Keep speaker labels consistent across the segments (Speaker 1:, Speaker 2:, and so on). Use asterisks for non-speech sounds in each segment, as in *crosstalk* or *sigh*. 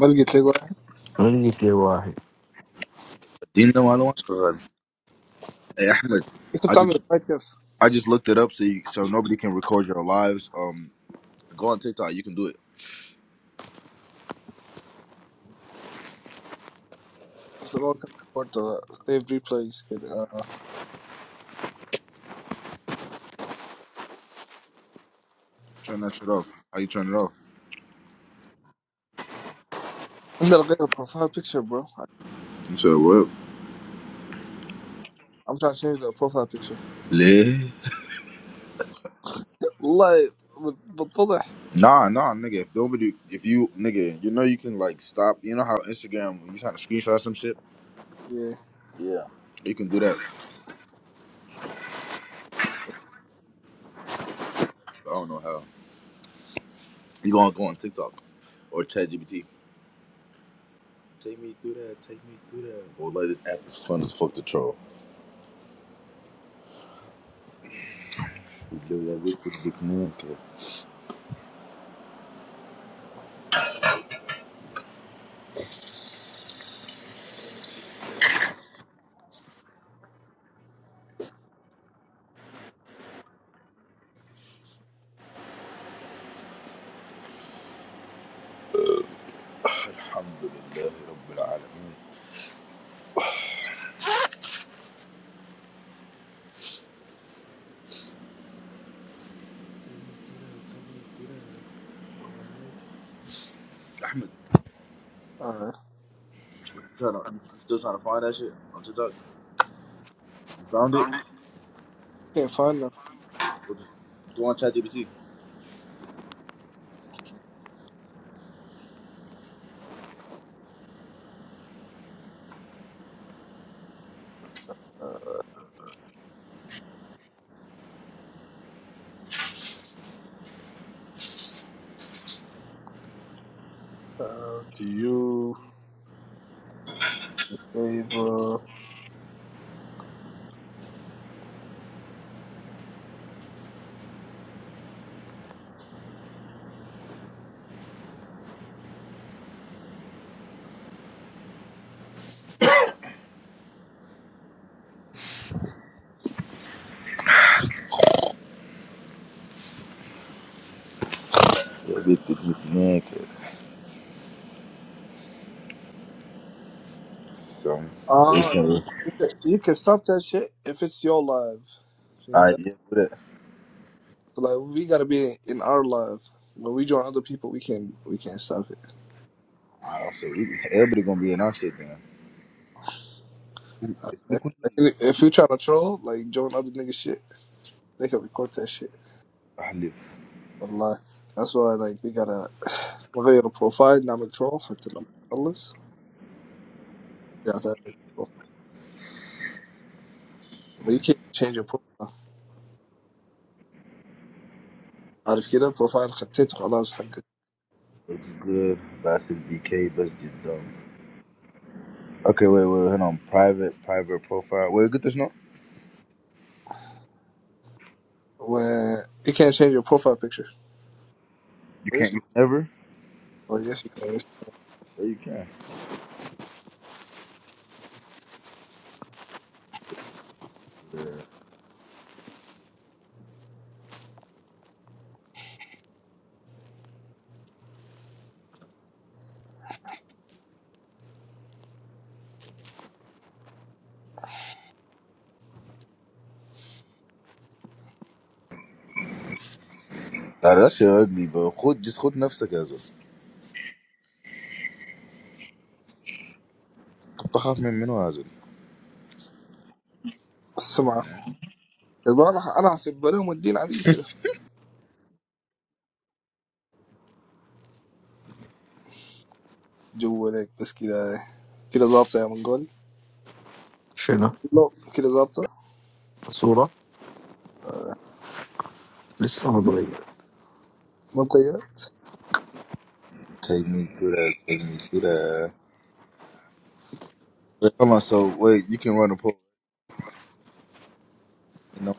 Speaker 1: بلقي تلاقي واحد
Speaker 2: انا جيت لي واحد
Speaker 3: You know, I don't want to. Hey, Ahmed,
Speaker 1: انت
Speaker 3: I
Speaker 1: بتعمل
Speaker 3: just
Speaker 1: الفايت كيف؟
Speaker 3: I just looked it up so you, so nobody can record your lives. Um, go on TikTok. You can do it.
Speaker 1: بس كورتر سيف ريبلايز كذا
Speaker 3: Turn that shit off. How you turn it off?
Speaker 1: عندنا غير بروفايل بيكتشر برو
Speaker 3: You said what?
Speaker 1: I'm trying to change the profile picture
Speaker 3: Le?
Speaker 1: والله بت- بتفضح
Speaker 3: Nah, nah, nigga. If nobody, if you nigga, you know you can like stop. You know how Instagram when you trying to screenshot some shit.
Speaker 1: yeah
Speaker 3: Yeah. You can do that. I don't know how. You gonna go on TikTok or ChatGPT or like this app is fun as fuck to troll. Alhamdulillah.
Speaker 1: uh,
Speaker 3: What you trying to? You still trying to find that shit on TikTok? You found it?
Speaker 1: can't find nothing
Speaker 3: What you doing ChatGPT?
Speaker 1: uh, how do you disable
Speaker 3: Yeah, get the get the man cut. So we
Speaker 1: uh,
Speaker 3: can. All
Speaker 1: you can, you can stop that shit if it's your live فهمت؟
Speaker 3: right, yeah, do that.
Speaker 1: so like we gotta be in our live when we join other people we can we can't stop it
Speaker 3: All right, so we- everybody gonna be in our shit then. It's be
Speaker 1: Okay?
Speaker 3: cool.
Speaker 1: Like, if you try to troll like join other niggas shit they can record that shit
Speaker 3: I live.
Speaker 1: Allah, that's why like we gotta. We change the profile. Name it wrong. I did not. Allahs.
Speaker 3: So,
Speaker 1: You can't change your profile. How did you change the profile? I did not. Allahs.
Speaker 3: looks good. Bassett BK. Best get dumb. Okay, wait, wait, hold on. Private, private profile. Wait, get this no.
Speaker 1: And you can't change your profile picture.
Speaker 3: You can't.
Speaker 1: Yes,
Speaker 3: You never.
Speaker 1: yes, yes.
Speaker 3: Yeah, you can. Yeah. Nah, that shit ugly, bro. خد just خد نفسك يا زول. كنت أخاف من منو يا زول.
Speaker 1: The same. Is that Allah? I don't have a problem with religion. A little. Jowelik. But that. That's a lot. Yeah, I'm not going.
Speaker 2: شنو؟
Speaker 1: No, that's a lot.
Speaker 2: صورة
Speaker 1: Ah,
Speaker 2: لسه ما اتغير
Speaker 1: my clothes.
Speaker 3: Take me through that. Take me through that. Wait, hold on. So wait, you can run a poll. You know,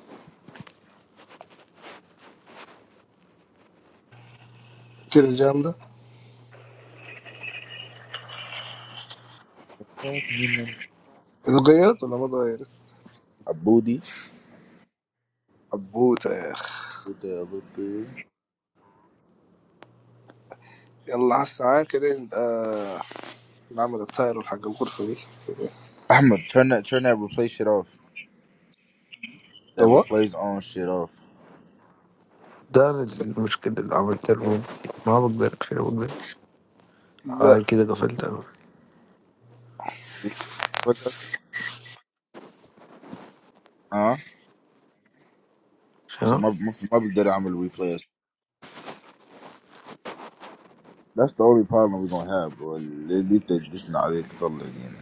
Speaker 1: That's a jamda.
Speaker 3: you know,
Speaker 1: My clothes. I'm not going.
Speaker 3: a booty.
Speaker 1: Abu, yeah.
Speaker 3: With that little thing.
Speaker 1: Allah, sign that. Ah. I think
Speaker 3: I'm gonna turn that turn that replay shit off. That replays on shit off.
Speaker 2: ده المشكلة اللي عملت لهم ما بقدر كده بقدر هاي كده قفلتها
Speaker 3: What the? Huh? So
Speaker 2: شنو؟
Speaker 3: my my, my big daddy, I'm gonna replay us. That's the only problem we're gonna have, bro. They need to just not nah, they throw it again.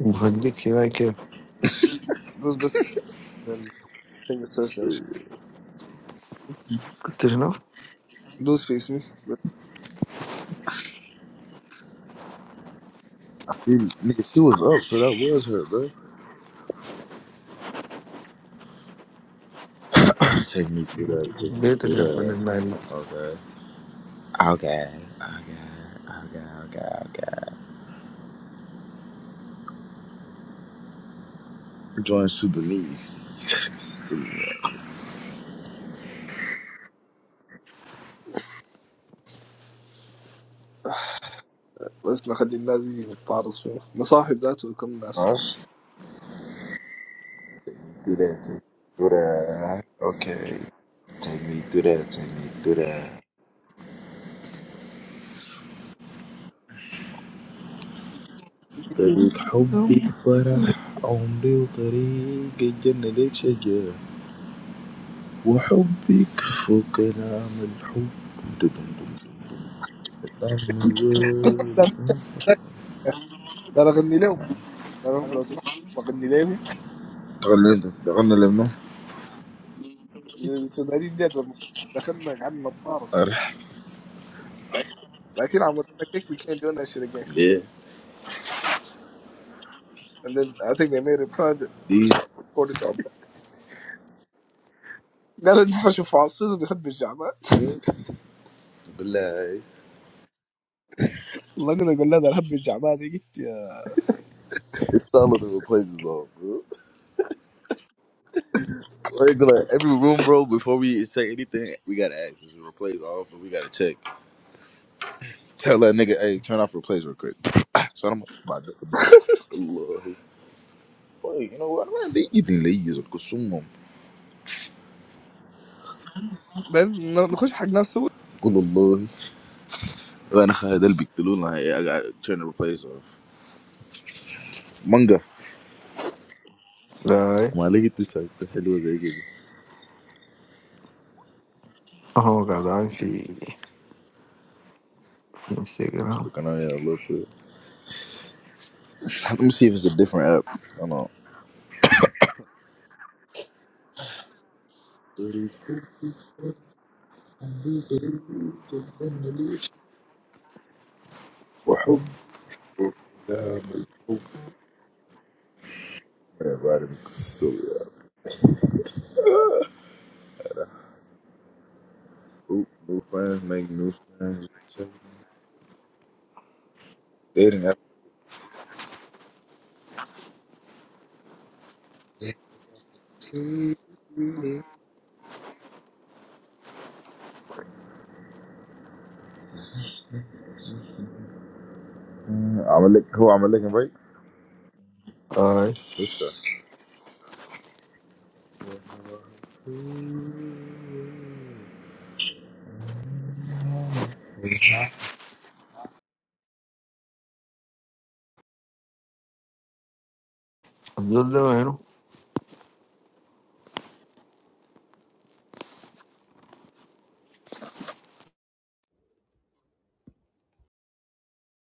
Speaker 2: بخليك هنا كيف
Speaker 1: it's so strange.
Speaker 3: Shit.
Speaker 2: قلت شنو؟
Speaker 1: دوس في اسمي بس
Speaker 3: I see, nigga, she was up, so that was her, bro. *coughs* take me through that. Take me
Speaker 2: بيتك
Speaker 3: through
Speaker 2: يا احمد
Speaker 3: that.
Speaker 2: المالي
Speaker 3: Okay. Okay, okay, okay, okay, okay. Join Sudanese.
Speaker 1: بس نخلي الناس يجي يتعرض فيه مصاحب ذاته وكم ناس
Speaker 3: Oh, do that, take me through that. Okay, take me through that, take me through that. طريق حبي فرح عمري وطريق الجنة ليك شجر وحبك فوق نعم الحب دم دم دم
Speaker 1: أصلاً لا
Speaker 3: دم.
Speaker 1: لا لا أغني لهم لا لهم لو سمحت ما أغني لهم
Speaker 3: تغني انت تغني لمنو؟
Speaker 1: السودانيين ديت لما دخلنا قعدنا نتعرض
Speaker 3: أرح
Speaker 1: لكن عملنا كيك we
Speaker 3: ليه؟
Speaker 1: made a private
Speaker 3: دي
Speaker 1: order. No, I think we made a private order.
Speaker 3: قول لها
Speaker 1: والله انا اقول لها الحب الجعبه دي قلت يا
Speaker 3: It's solid to replace us all, bro. Regular every room, bro. Before we say anything, we gotta ask. Is it replace off, and we gotta check. Tell that nigga, hey, turn off replace real quick. *laughs* *clears throat* so I'm about to put that. الله Boy, you know what? I'm not leaving the ladies of Kusumum.
Speaker 1: بعدين نخش حق ناس
Speaker 3: قول الله وانا خالد اللي بيقتلونا I gotta turn the replace off. Manga.
Speaker 2: لا هاي
Speaker 3: ما لقيت تسعة حلوة زي كده.
Speaker 2: اهو قاعد عامل في انستغرام
Speaker 3: كان يا الله شو. Let me see if it's a different app. I don't know. Everybody be so Oop, new friends make new friends. Dating app. Mm, I'm a lick. Who I'm a lick and break?
Speaker 2: هاي
Speaker 3: What's that?
Speaker 2: الزول ده وينه؟